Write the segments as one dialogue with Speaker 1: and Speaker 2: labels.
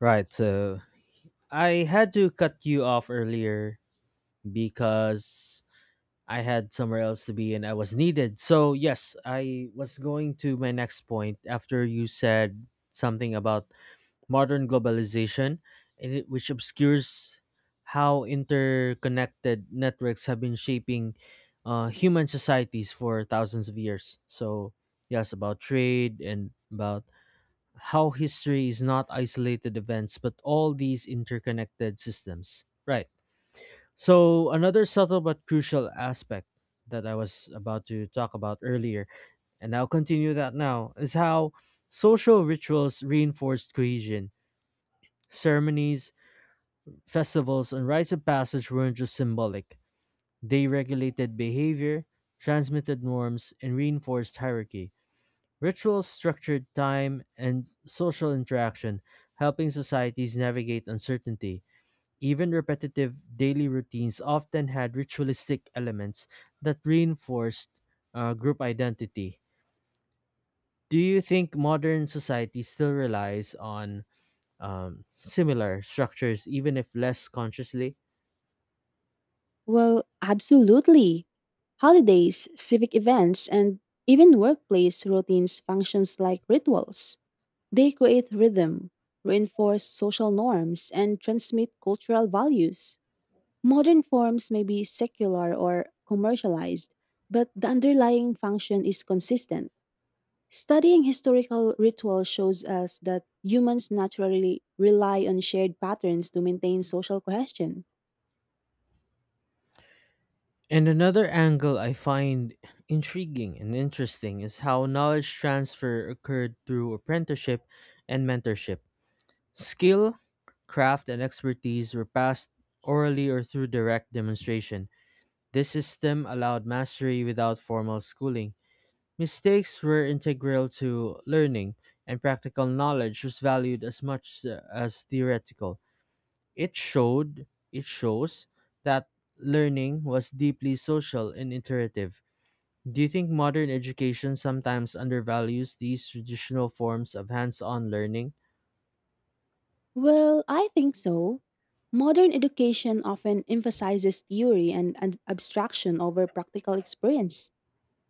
Speaker 1: Right, so I had to cut you off earlier because I had somewhere else to be and I was needed. So, yes, I was going to my next point after you said something about modern globalization, and it, which obscures how interconnected networks have been shaping human societies for thousands of years. So, yes, about trade and about how history is not isolated events but all these interconnected systems. Right. So, another subtle but crucial aspect that I was about to talk about earlier, and I'll continue that now, is how social rituals reinforced cohesion. Ceremonies, festivals, and rites of passage weren't just symbolic, they regulated behavior, transmitted norms, and reinforced hierarchy. Rituals structured time and social interaction, helping societies navigate uncertainty. Even repetitive daily routines often had ritualistic elements that reinforced group identity. Do you think modern society still relies on similar structures, even if less consciously?
Speaker 2: Well, absolutely. Holidays, civic events, and even workplace routines functions like rituals. They create rhythm, reinforce social norms, and transmit cultural values. Modern forms may be secular or commercialized, but the underlying function is consistent. Studying historical ritual shows us that humans naturally rely on shared patterns to maintain social cohesion.
Speaker 1: And another angle I find intriguing and interesting is how knowledge transfer occurred through apprenticeship and mentorship. Skill, craft, and expertise were passed orally or through direct demonstration. This system allowed mastery without formal schooling. Mistakes were integral to learning, and practical knowledge was valued as much as theoretical. It showed, it shows that learning was deeply social and iterative. Do you think modern education sometimes undervalues these traditional forms of hands-on learning?
Speaker 2: Well, I think so. Modern education often emphasizes theory and abstraction over practical experience.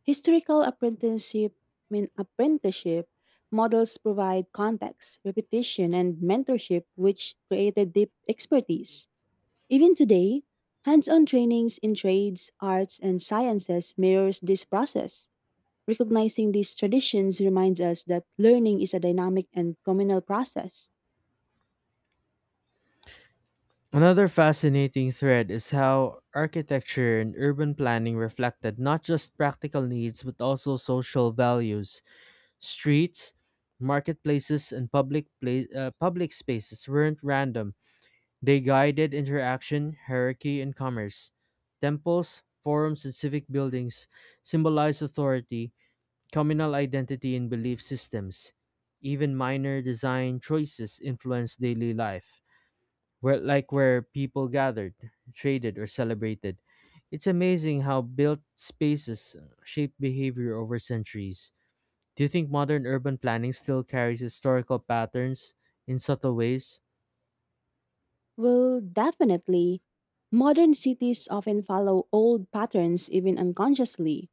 Speaker 2: Historical apprenticeship, I mean apprenticeship models provide context, repetition, and mentorship, which created deep expertise. Even today, hands-on trainings in trades, arts, and sciences mirrors this process. Recognizing these traditions reminds us that learning is a dynamic and communal process.
Speaker 1: Another fascinating thread is how architecture and urban planning reflected not just practical needs but also social values. Streets, marketplaces, and public spaces weren't random. They guided interaction, hierarchy, and commerce. Temples, forums, and civic buildings symbolized authority, communal identity, and belief systems. Even minor design choices influenced daily life where like where people gathered, traded, or celebrated. It's amazing how built spaces shape behavior over centuries. Do you think modern urban planning still carries historical patterns in subtle ways?
Speaker 2: Well, definitely. Modern cities often follow old patterns even unconsciously,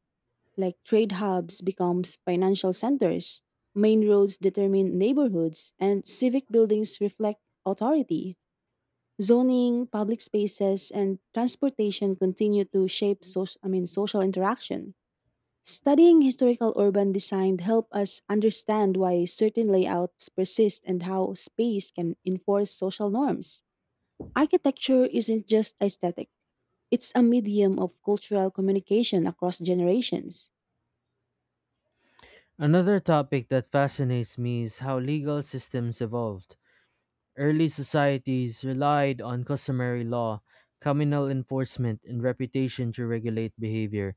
Speaker 2: like trade hubs become financial centers, main roads determine neighborhoods, and civic buildings reflect authority. Zoning, public spaces, and transportation continue to shape social, social interaction. Studying historical urban design help us understand why certain layouts persist and how space can enforce social norms. Architecture isn't just aesthetic, it's a medium of cultural communication across generations.
Speaker 1: Another topic that fascinates me is how legal systems evolved. Early societies relied on customary law, communal enforcement, and reputation to regulate behavior.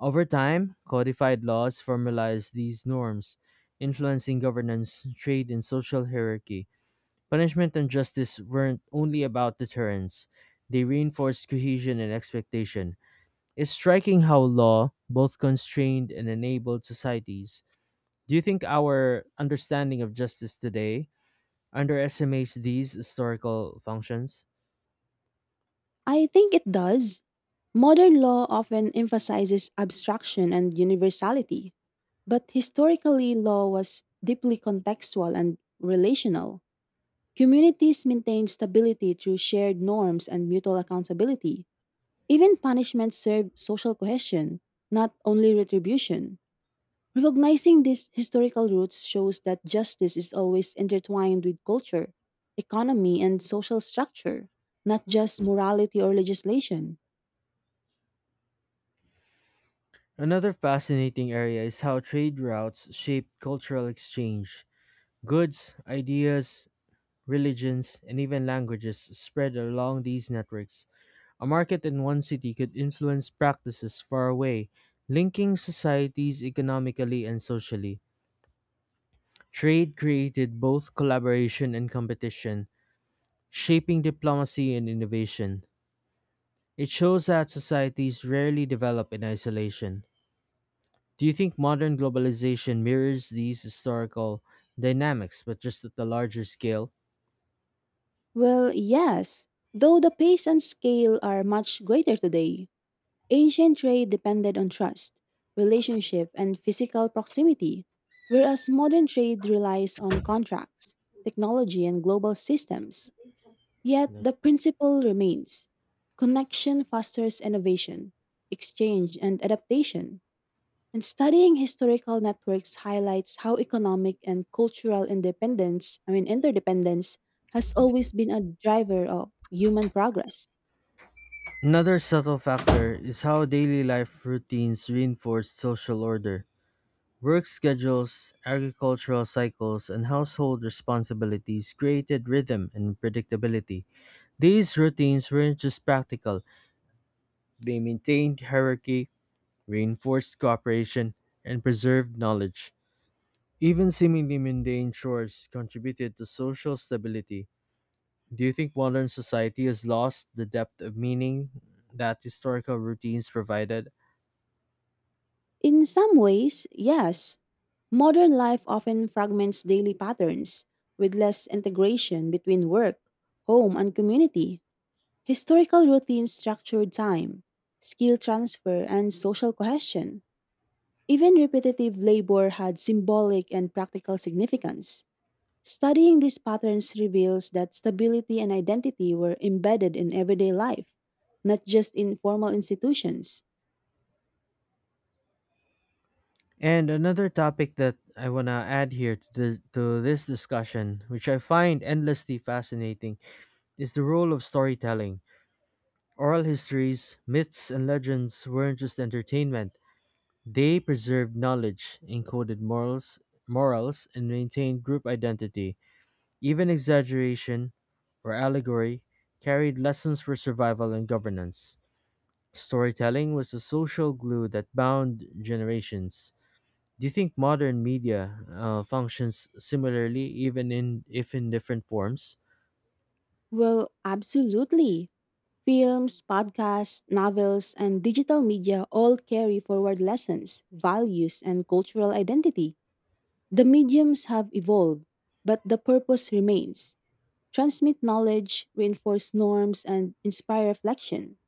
Speaker 1: Over time, codified laws formalize these norms, influencing governance, trade, and social hierarchy. Punishment and justice weren't only about deterrence, they reinforced cohesion and expectation. It's striking how law both constrained and enabled societies. Do you think our understanding of justice today underestimates these historical functions?
Speaker 2: I think it does. Modern law often emphasizes abstraction and universality, but historically, law was deeply contextual and relational. Communities maintained stability through shared norms and mutual accountability. Even punishments served social cohesion, not only retribution. Recognizing these historical roots shows that justice is always intertwined with culture, economy, and social structure, not just morality or legislation.
Speaker 1: Another fascinating area is how trade routes shaped cultural exchange goods, ideas, religions, and even languages spread along these networks. A market in one city could influence practices far away, linking societies economically and socially. Trade created both collaboration and competition, shaping diplomacy and innovation. It shows that societies rarely develop in isolation. Do you think modern globalization mirrors these historical dynamics, but just at a larger scale?
Speaker 2: Well, yes, though the pace and scale are much greater today, ancient trade depended on trust, relationship, and physical proximity, whereas modern trade relies on contracts, technology, and global systems. Yet
Speaker 1: Yeah.
Speaker 2: the principle remains connection fosters innovation, exchange, and adaptation. And studying historical networks highlights how economic and cultural independence, interdependence, has always been a driver of human progress.
Speaker 1: Another subtle factor is how daily life routines reinforce social order. Work schedules, agricultural cycles, and household responsibilities created rhythm and predictability. These routines weren't just practical, they maintained hierarchy, reinforced cooperation, and preserved knowledge. Even seemingly mundane chores contributed to social stability. Do you think modern society has lost the depth of meaning that historical routines provided?
Speaker 2: In some ways, yes, modern life often fragments daily patterns with less integration between work, home, and community. Historical routines structured time, skill transfer, and social cohesion. Even repetitive labor had symbolic and practical significance. Studying these patterns reveals that stability and identity were embedded in everyday life, not just in formal institutions.
Speaker 1: And another topic that I want to add here to this discussion, which I find endlessly fascinating, is the role of storytelling. Oral histories, myths, and legends weren't just entertainment. They preserved knowledge, encoded morals, and maintained group identity. Even exaggeration or allegory carried lessons for survival and governance. Storytelling was a social glue that bound generations. Do you think modern media functions similarly, even in if in different forms?
Speaker 2: Well, absolutely. Films, podcasts, novels, and digital media all carry forward lessons, values, and cultural identity. The mediums have evolved, but the purpose remains transmit knowledge, reinforce norms, and inspire reflection.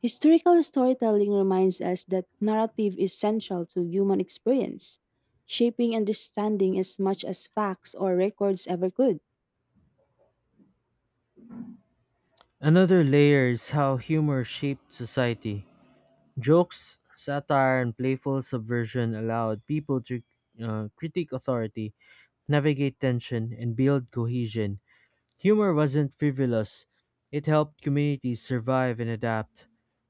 Speaker 2: Historical storytelling reminds us that narrative is central to human experience, shaping understanding as much as facts or records ever could.
Speaker 1: Another layer is how humor shaped society. Jokes, satire, and playful subversion allowed people to critique authority, navigate tension, and build cohesion. Humor wasn't frivolous; it helped communities survive and adapt,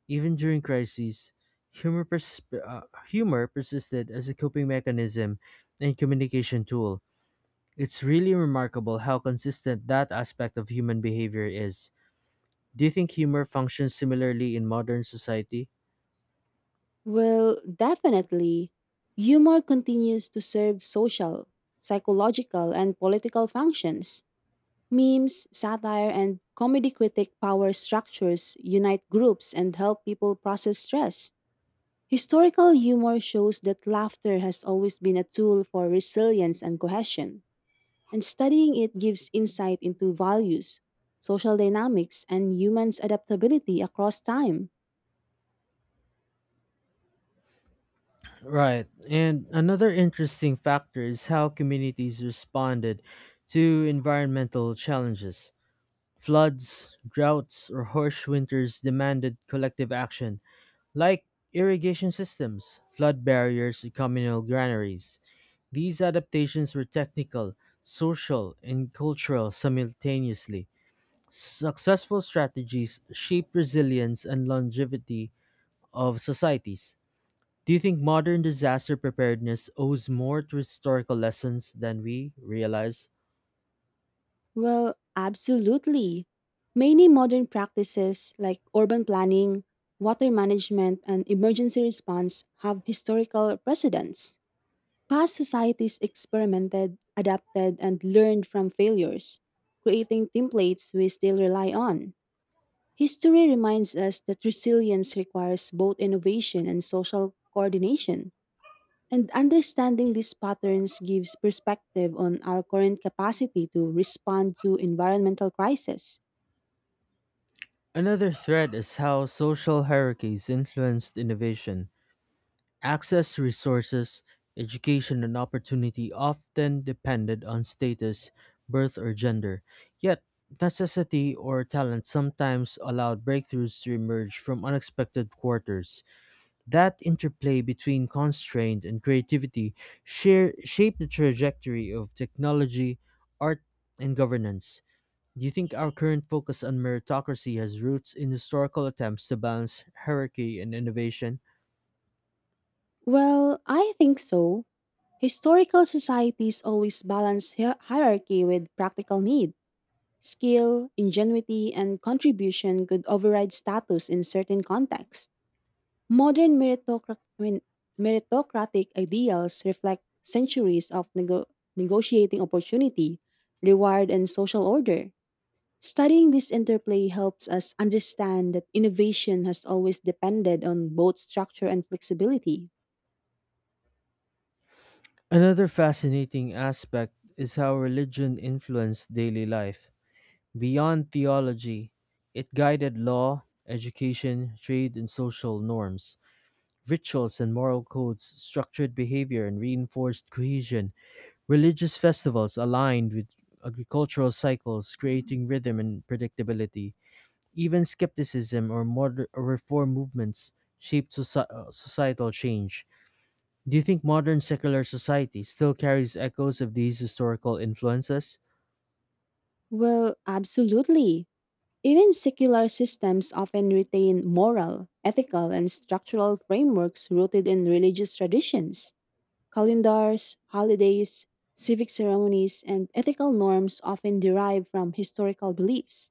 Speaker 1: even during crises. Humor persisted as a coping mechanism and communication tool. It's really remarkable how consistent that aspect of human behavior is. Do you think humor functions similarly in modern society?
Speaker 2: Well, definitely, humor continues to serve social, psychological, and political functions. Memes, satire, and comedy critic power structures unite groups and help people process stress. Historical humor shows that laughter has always been a tool for resilience and cohesion, and studying it gives insight into values, social dynamics, and humans' adaptability across time.
Speaker 1: Right. And another interesting factor is how communities responded to environmental challenges. Floods, droughts, or harsh winters demanded collective action, like irrigation systems, flood barriers, and communal granaries. These adaptations were technical, social, and cultural simultaneously. Successful strategies shape resilience and longevity of societies. Do you think modern disaster preparedness owes more to historical lessons than we realize?
Speaker 2: Well, absolutely. Many modern practices like urban planning, water management, and emergency response have historical precedents. Past societies experimented, adapted, and learned from failures, creating templates we still rely on. History reminds us that resilience requires both innovation and social coordination, and understanding these patterns gives perspective on our current capacity to respond to environmental crisis.
Speaker 1: Another thread is how social hierarchies influenced innovation. Access to resources, education, and opportunity often depended on status, birth, or gender. Yet, necessity or talent sometimes allowed breakthroughs to emerge from unexpected quarters. That interplay between constraint and creativity shape the trajectory of technology, art, and governance. Do you think our current focus on meritocracy has roots in historical attempts to balance hierarchy and innovation?
Speaker 2: Well, I think so. Historical societies always balance hierarchy with practical need. Skill, ingenuity, and contribution could override status in certain contexts. Modern meritocratic ideals reflect centuries of negotiating opportunity, reward, and social order. Studying this interplay helps us understand that innovation has always depended on both structure and flexibility.
Speaker 1: Another fascinating aspect is how religion influenced daily life. Beyond theology, it guided law, education, trade, and social norms. Rituals and moral codes structured behavior and reinforced cohesion. Religious festivals aligned with agricultural cycles, creating rhythm and predictability. Even skepticism or modern or reform movements shaped societal change. Do you think modern secular society still carries echoes of these historical influences?
Speaker 2: Well, absolutely. Even secular systems often retain moral, ethical, and structural frameworks rooted in religious traditions. Calendars, holidays, civic ceremonies, and ethical norms often derive from historical beliefs.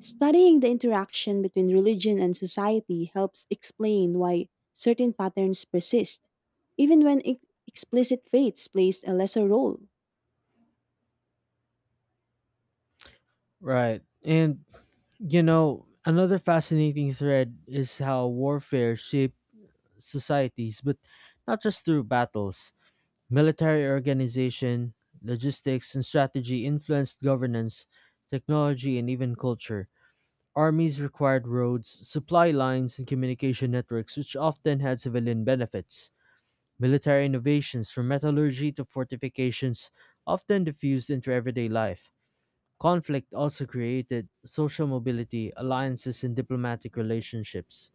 Speaker 2: Studying the interaction between religion and society helps explain why certain patterns persist, even when explicit faiths plays a lesser role.
Speaker 1: Right. And, you know, another fascinating thread is how warfare shaped societies, but not just through battles. Military organization, logistics, and strategy influenced governance, technology, and even culture. Armies required roads, supply lines, and communication networks, which often had civilian benefits. Military innovations, from metallurgy to fortifications, often diffused into everyday life. Conflict also created social mobility, alliances, and diplomatic relationships.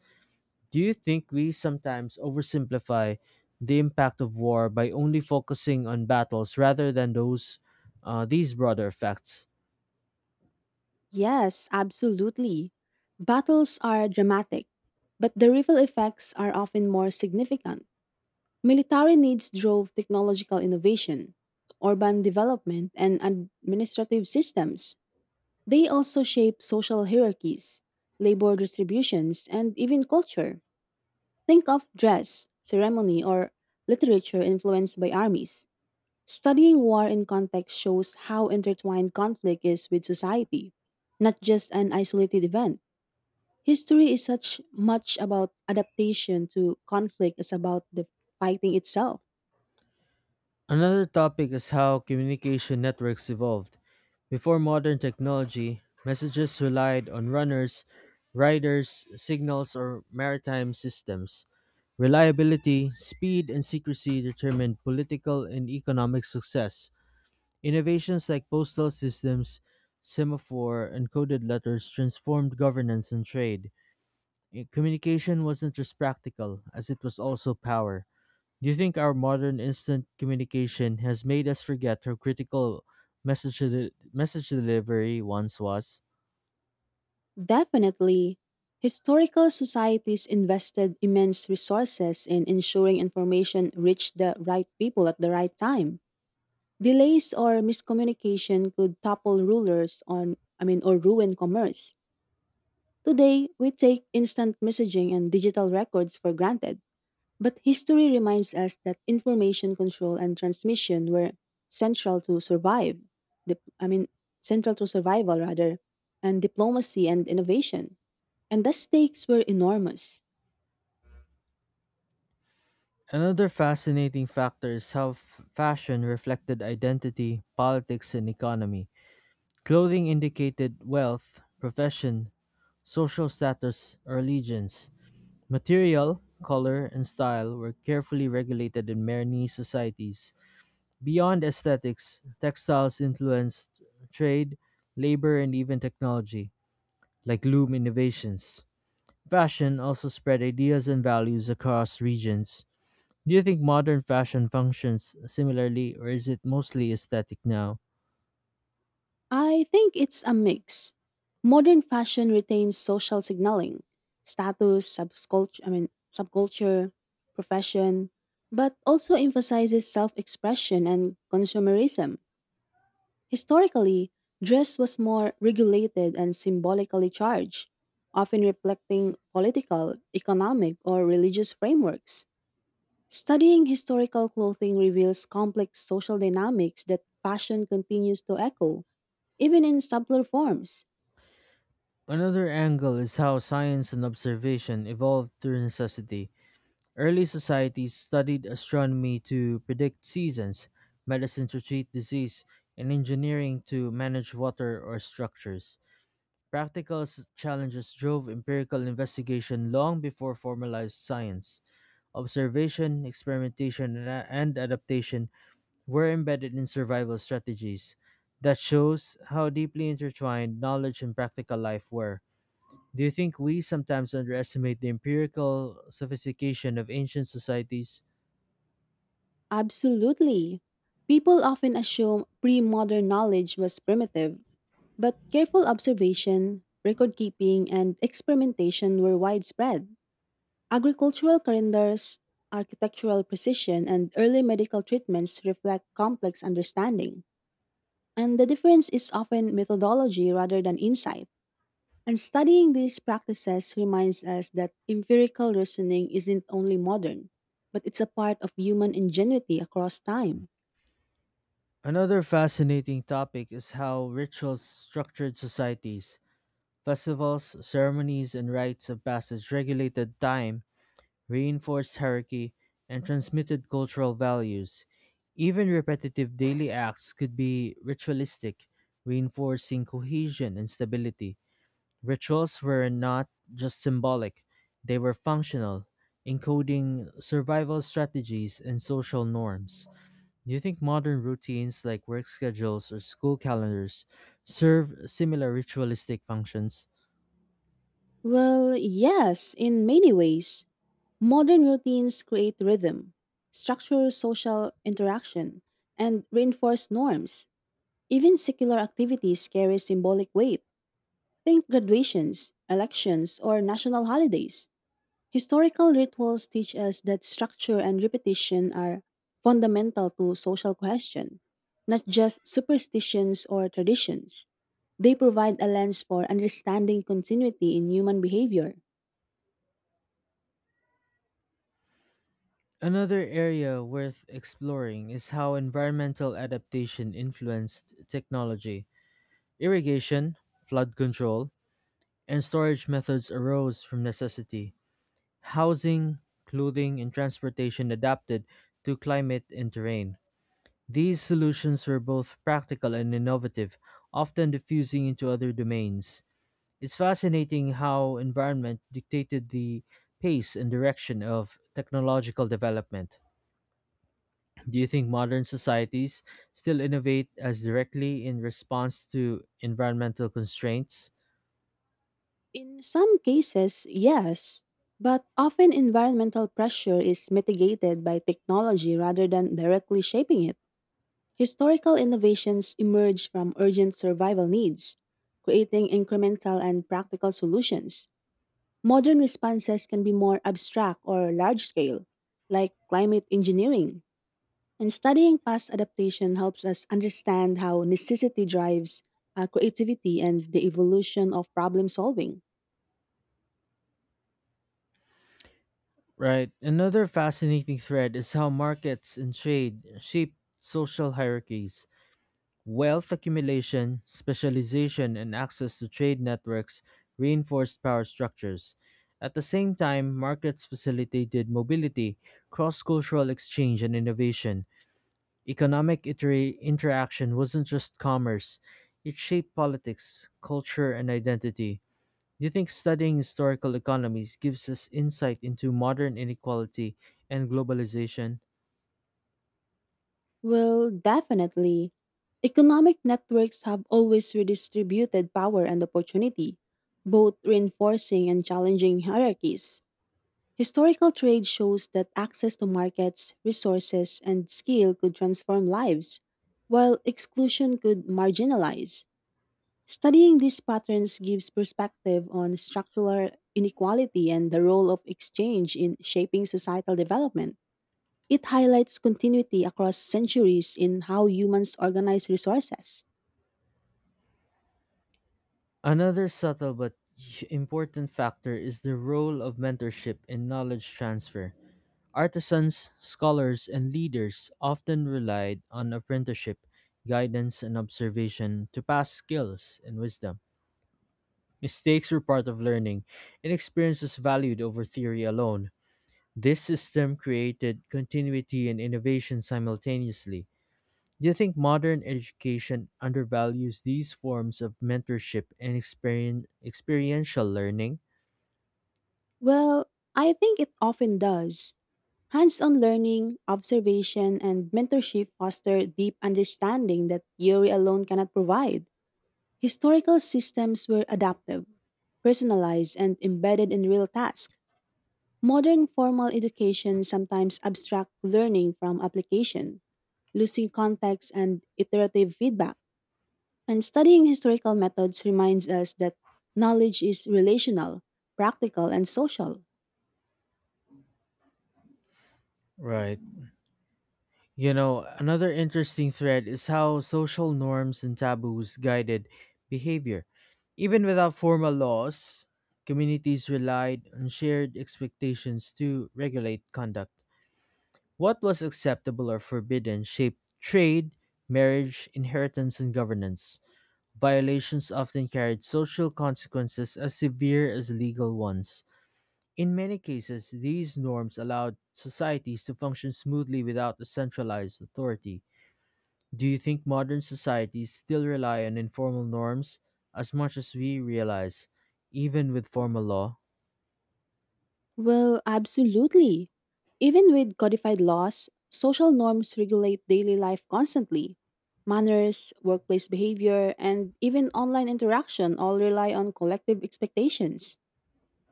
Speaker 1: Do you think we sometimes oversimplify the impact of war by only focusing on battles rather than those these broader effects?
Speaker 2: Yes, absolutely. Battles are dramatic, but the ripple effects are often more significant. Military needs drove technological innovation, urban development, and administrative systems. They also shape social hierarchies, labor distributions, and even culture. Think of dress, ceremony, or literature influenced by armies. Studying war in context shows how intertwined conflict is with society, not just an isolated event. History is such much about adaptation to conflict as about the fighting itself.
Speaker 1: Another topic is how communication networks evolved. Before modern technology, messages relied on runners, riders, signals, or maritime systems. Reliability, speed, and secrecy determined political and economic success. Innovations like postal systems, semaphore, and coded letters transformed governance and trade. Communication wasn't just practical, as it was also power. Do you think our modern instant communication has made us forget how critical message delivery once was?
Speaker 2: Definitely, historical societies invested immense resources in ensuring information reached the right people at the right time. Delays or miscommunication could topple rulers on I mean or ruin commerce. Today, we take instant messaging and digital records for granted, but history reminds us that information control and transmission were central to survive. dip- I mean, Central to survival rather, and diplomacy and innovation. And the stakes were enormous.
Speaker 1: Another fascinating factor is how fashion reflected identity, politics, and economy. Clothing indicated wealth, profession, social status, or allegiance. Material, color, and style were carefully regulated in many societies. Beyond aesthetics, textiles influenced trade, labor, and even technology, like loom innovations. Fashion also spread ideas and values across regions. Do you think modern fashion functions similarly, or is it mostly aesthetic now?
Speaker 2: I think it's a mix. Modern fashion retains social signaling, status, subculture, profession, but also emphasizes self-expression and consumerism. Historically, dress was more regulated and symbolically charged, often reflecting political, economic, or religious frameworks. Studying historical clothing reveals complex social dynamics that fashion continues to echo, even in subtler forms.
Speaker 1: Another angle is how science and observation evolved through necessity. Early societies studied astronomy to predict seasons, medicine to treat disease, and engineering to manage water or structures. Challenges drove empirical investigation long before formalized science. Observation, experimentation, and adaptation were embedded in survival strategies. That shows how deeply intertwined knowledge and practical life were. Do you think we sometimes underestimate the empirical sophistication of ancient societies?
Speaker 2: Absolutely. People often assume pre modern knowledge was primitive, but careful observation, record keeping, and experimentation were widespread. Agricultural calendars, architectural precision, and early medical treatments reflect complex understanding. And the difference is often methodology rather than insight. And studying these practices reminds us that empirical reasoning isn't only modern, but it's a part of human ingenuity across time.
Speaker 1: Another fascinating topic is how rituals structured societies, festivals, ceremonies, and rites of passage regulated time, reinforced hierarchy, and transmitted cultural values. Even repetitive daily acts could be ritualistic, reinforcing cohesion and stability. Rituals were not just symbolic, they were functional, encoding survival strategies and social norms. Do you think modern routines like work schedules or school calendars serve similar ritualistic functions?
Speaker 2: Well, yes, in many ways, modern routines create rhythm, structure social interaction, and reinforce norms. Even secular activities carry symbolic weight. Think graduations, elections, or national holidays. Historical rituals teach us that structure and repetition are fundamental to social cohesion, not just superstitions or traditions. They provide a lens for understanding continuity in human behavior.
Speaker 1: Another area worth exploring is how environmental adaptation influenced technology. Irrigation, flood control, and storage methods arose from necessity. Housing, clothing, and transportation adapted to climate and terrain. These solutions were both practical and innovative, often diffusing into other domains. It's fascinating how environment dictated the pace and direction of technological development. Do you think modern societies still innovate as directly in response to environmental constraints?
Speaker 2: In some cases, yes, but often environmental pressure is mitigated by technology rather than directly shaping it. Historical innovations emerge from urgent survival needs, creating incremental and practical solutions. Modern responses can be more abstract or large scale, like climate engineering. And studying past adaptation helps us understand how necessity drives creativity and the evolution of problem solving.
Speaker 1: Right. Another fascinating thread is how markets and trade shape social hierarchies. Wealth accumulation, specialization, and access to trade networks reinforced power structures. At the same time, markets facilitated mobility, cross cultural exchange, and innovation. Interaction wasn't just commerce, it shaped politics, culture, and identity. Do you think studying historical economies gives us insight into modern inequality and globalization?
Speaker 2: Well, definitely. Economic networks have always redistributed power and opportunity, both reinforcing and challenging hierarchies. Historical trade shows that access to markets, resources, and skill could transform lives, while exclusion could marginalize. Studying these patterns gives perspective on structural inequality and the role of exchange in shaping societal development. It highlights continuity across centuries in how humans organize resources.
Speaker 1: Another subtle but important factor is the role of mentorship in knowledge transfer. Artisans, scholars, and leaders often relied on apprenticeship, guidance, and observation to pass skills and wisdom. Mistakes were part of learning, and experiences valued over theory alone. This system created continuity and innovation simultaneously. Do you think modern education undervalues these forms of mentorship and experiential learning?
Speaker 2: Well, I think it often does. Hands on learning, observation, and mentorship foster deep understanding that theory alone cannot provide. Historical systems were adaptive, personalized, and embedded in real tasks. Modern formal education sometimes abstracts learning from application, losing context and iterative feedback. And studying historical methods reminds us that knowledge is relational, practical, and social.
Speaker 1: Right. You know, another interesting thread is how social norms and taboos guided behavior. Even without formal laws, communities relied on shared expectations to regulate conduct. What was acceptable or forbidden shaped trade, marriage, inheritance, and governance. Violations often carried social consequences as severe as legal ones. In many cases, these norms allowed societies to function smoothly without a centralized authority. Do you think modern societies still rely on informal norms as much as we realize, even with formal law?
Speaker 2: Well, absolutely. Even with codified laws, social norms regulate daily life constantly. Manners, workplace behavior, and even online interaction all rely on collective expectations.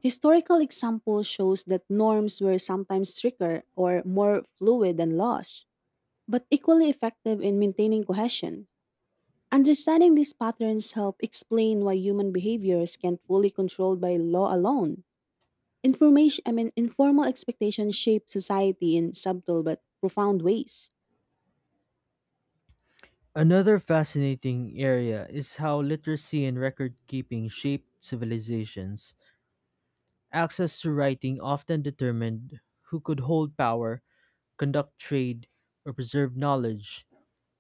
Speaker 2: Historical example shows that norms were sometimes stricter or more fluid than laws, but equally effective in maintaining cohesion. Understanding these patterns help explain why human behaviors can't fully controlled by law alone. Informal expectations shape society in subtle but profound ways.
Speaker 1: Another fascinating area is how literacy and record keeping shaped civilizations. Access to writing often determined who could hold power, conduct trade, or preserve knowledge.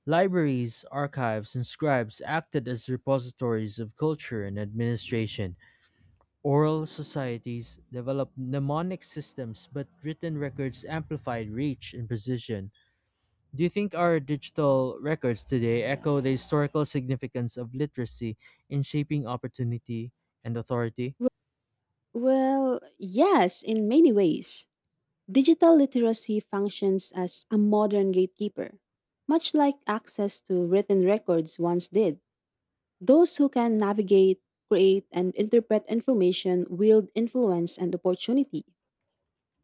Speaker 1: Libraries, archives, and scribes acted as repositories of culture and administration. Oral societies developed mnemonic systems, but written records amplified reach and precision. Do you think our digital records today echo the historical significance of literacy in shaping opportunity and authority?
Speaker 2: Well, yes, in many ways. Digital literacy functions as a modern gatekeeper, much like access to written records once did. Those who can navigate, create, and interpret information wield influence and opportunity.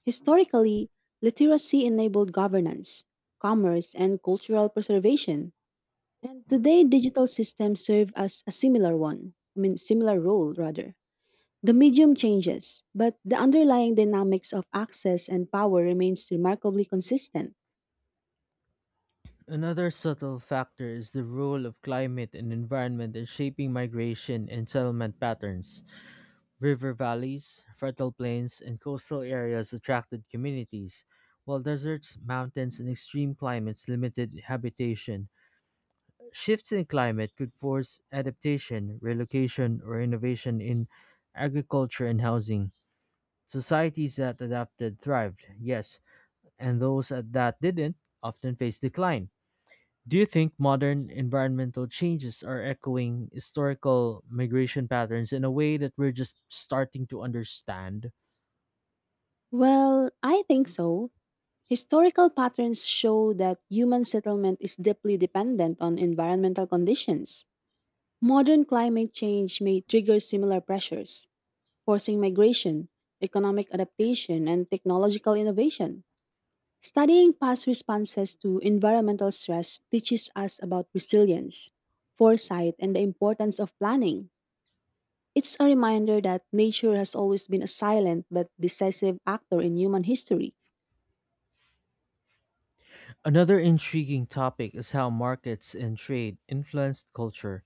Speaker 2: Historically, literacy enabled governance, commerce, and cultural preservation. And today, digital systems serve as a similar one, I mean, similar role rather. The medium changes, but the underlying dynamics of access and power remains remarkably consistent.
Speaker 1: Another subtle factor is the role of climate and environment in shaping migration and settlement patterns. River valleys, fertile plains, and coastal areas attracted communities, while deserts, mountains, and extreme climates limited habitation. Shifts in climate could force adaptation, relocation, or innovation in agriculture and housing. Societies that adapted thrived, yes, and those that didn't often faced decline. Do you think modern environmental changes are echoing historical migration patterns in a way that we're just starting to understand?
Speaker 2: Well, I think so. Historical patterns show that human settlement is deeply dependent on environmental conditions. Modern climate change may trigger similar pressures, forcing migration, economic adaptation, and technological innovation. Studying past responses to environmental stress teaches us about resilience, foresight, and the importance of planning. It's a reminder that nature has always been a silent but decisive actor in human history.
Speaker 1: Another intriguing topic is how markets and trade influenced culture.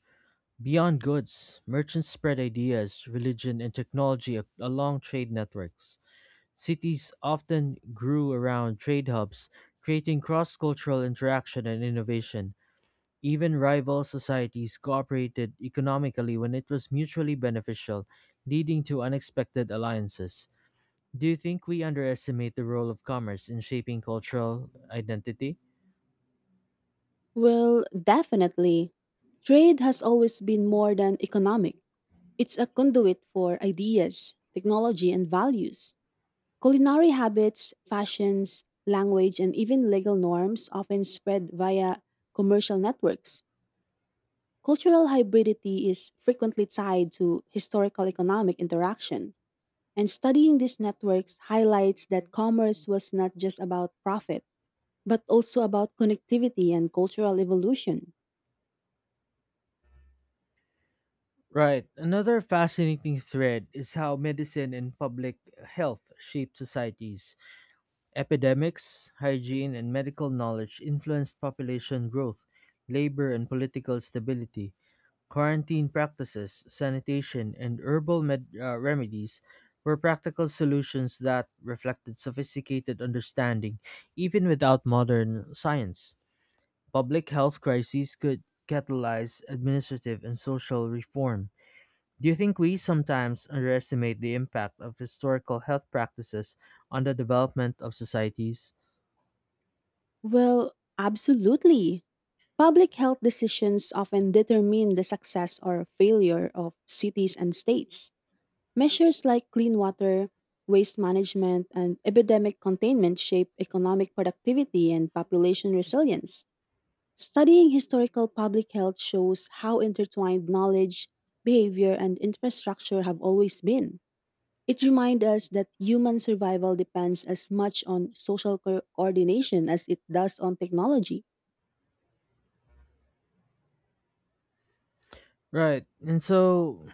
Speaker 1: Beyond goods, merchants spread ideas, religion, and technology along trade networks. Cities often grew around trade hubs, creating cross cultural interaction and innovation. Even rival societies cooperated economically when it was mutually beneficial, leading to unexpected alliances. Do you think we underestimate the role of commerce in shaping cultural identity?
Speaker 2: Well, definitely. Trade has always been more than economic. It's a conduit for ideas, technology, and values. Culinary habits, fashions, language, and even legal norms often spread via commercial networks. Cultural hybridity is frequently tied to historical economic interaction, and studying these networks highlights that commerce was not just about profit, but also about connectivity and cultural evolution.
Speaker 1: Right. Another fascinating thread is how medicine and public health shaped societies. Epidemics, hygiene, and medical knowledge influenced population growth, labor, and political stability. Quarantine practices, sanitation, and remedies were practical solutions that reflected sophisticated understanding, even without modern science. Public health crises could catalyze administrative and social reform. Do you think we sometimes underestimate the impact of historical health practices on the development of societies?
Speaker 2: Well, absolutely. Public health decisions often determine the success or failure of cities and states. Measures like clean water, waste management, and epidemic containment shape economic productivity and population resilience. Studying historical public health shows how intertwined knowledge, behavior, and infrastructure have always been. It reminds us that human survival depends as much on social coordination as it does on technology.
Speaker 1: Right. And so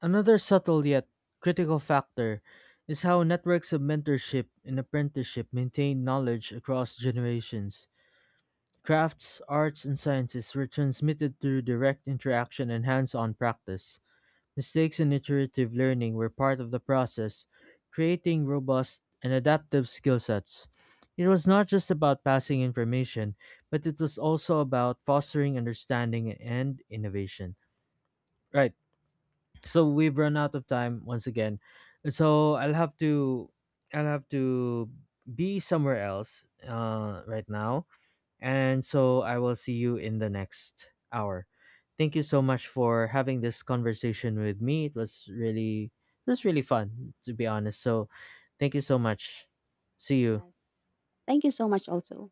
Speaker 1: Another subtle yet critical factor is how networks of mentorship and apprenticeship maintain knowledge across generations. Crafts, arts, and sciences were transmitted through direct interaction and hands on practice. Mistakes and iterative learning were part of the process, creating robust and adaptive skill sets. It was not just about passing information, but it was also about fostering understanding and innovation. Right, so we've run out of time once again, so I'll have to be somewhere else right now, and so I will see you in the next hour. Thank you so much for having this conversation with me. It was really fun to be honest, so thank you so much. See you.
Speaker 2: Yes. Thank you so much, also.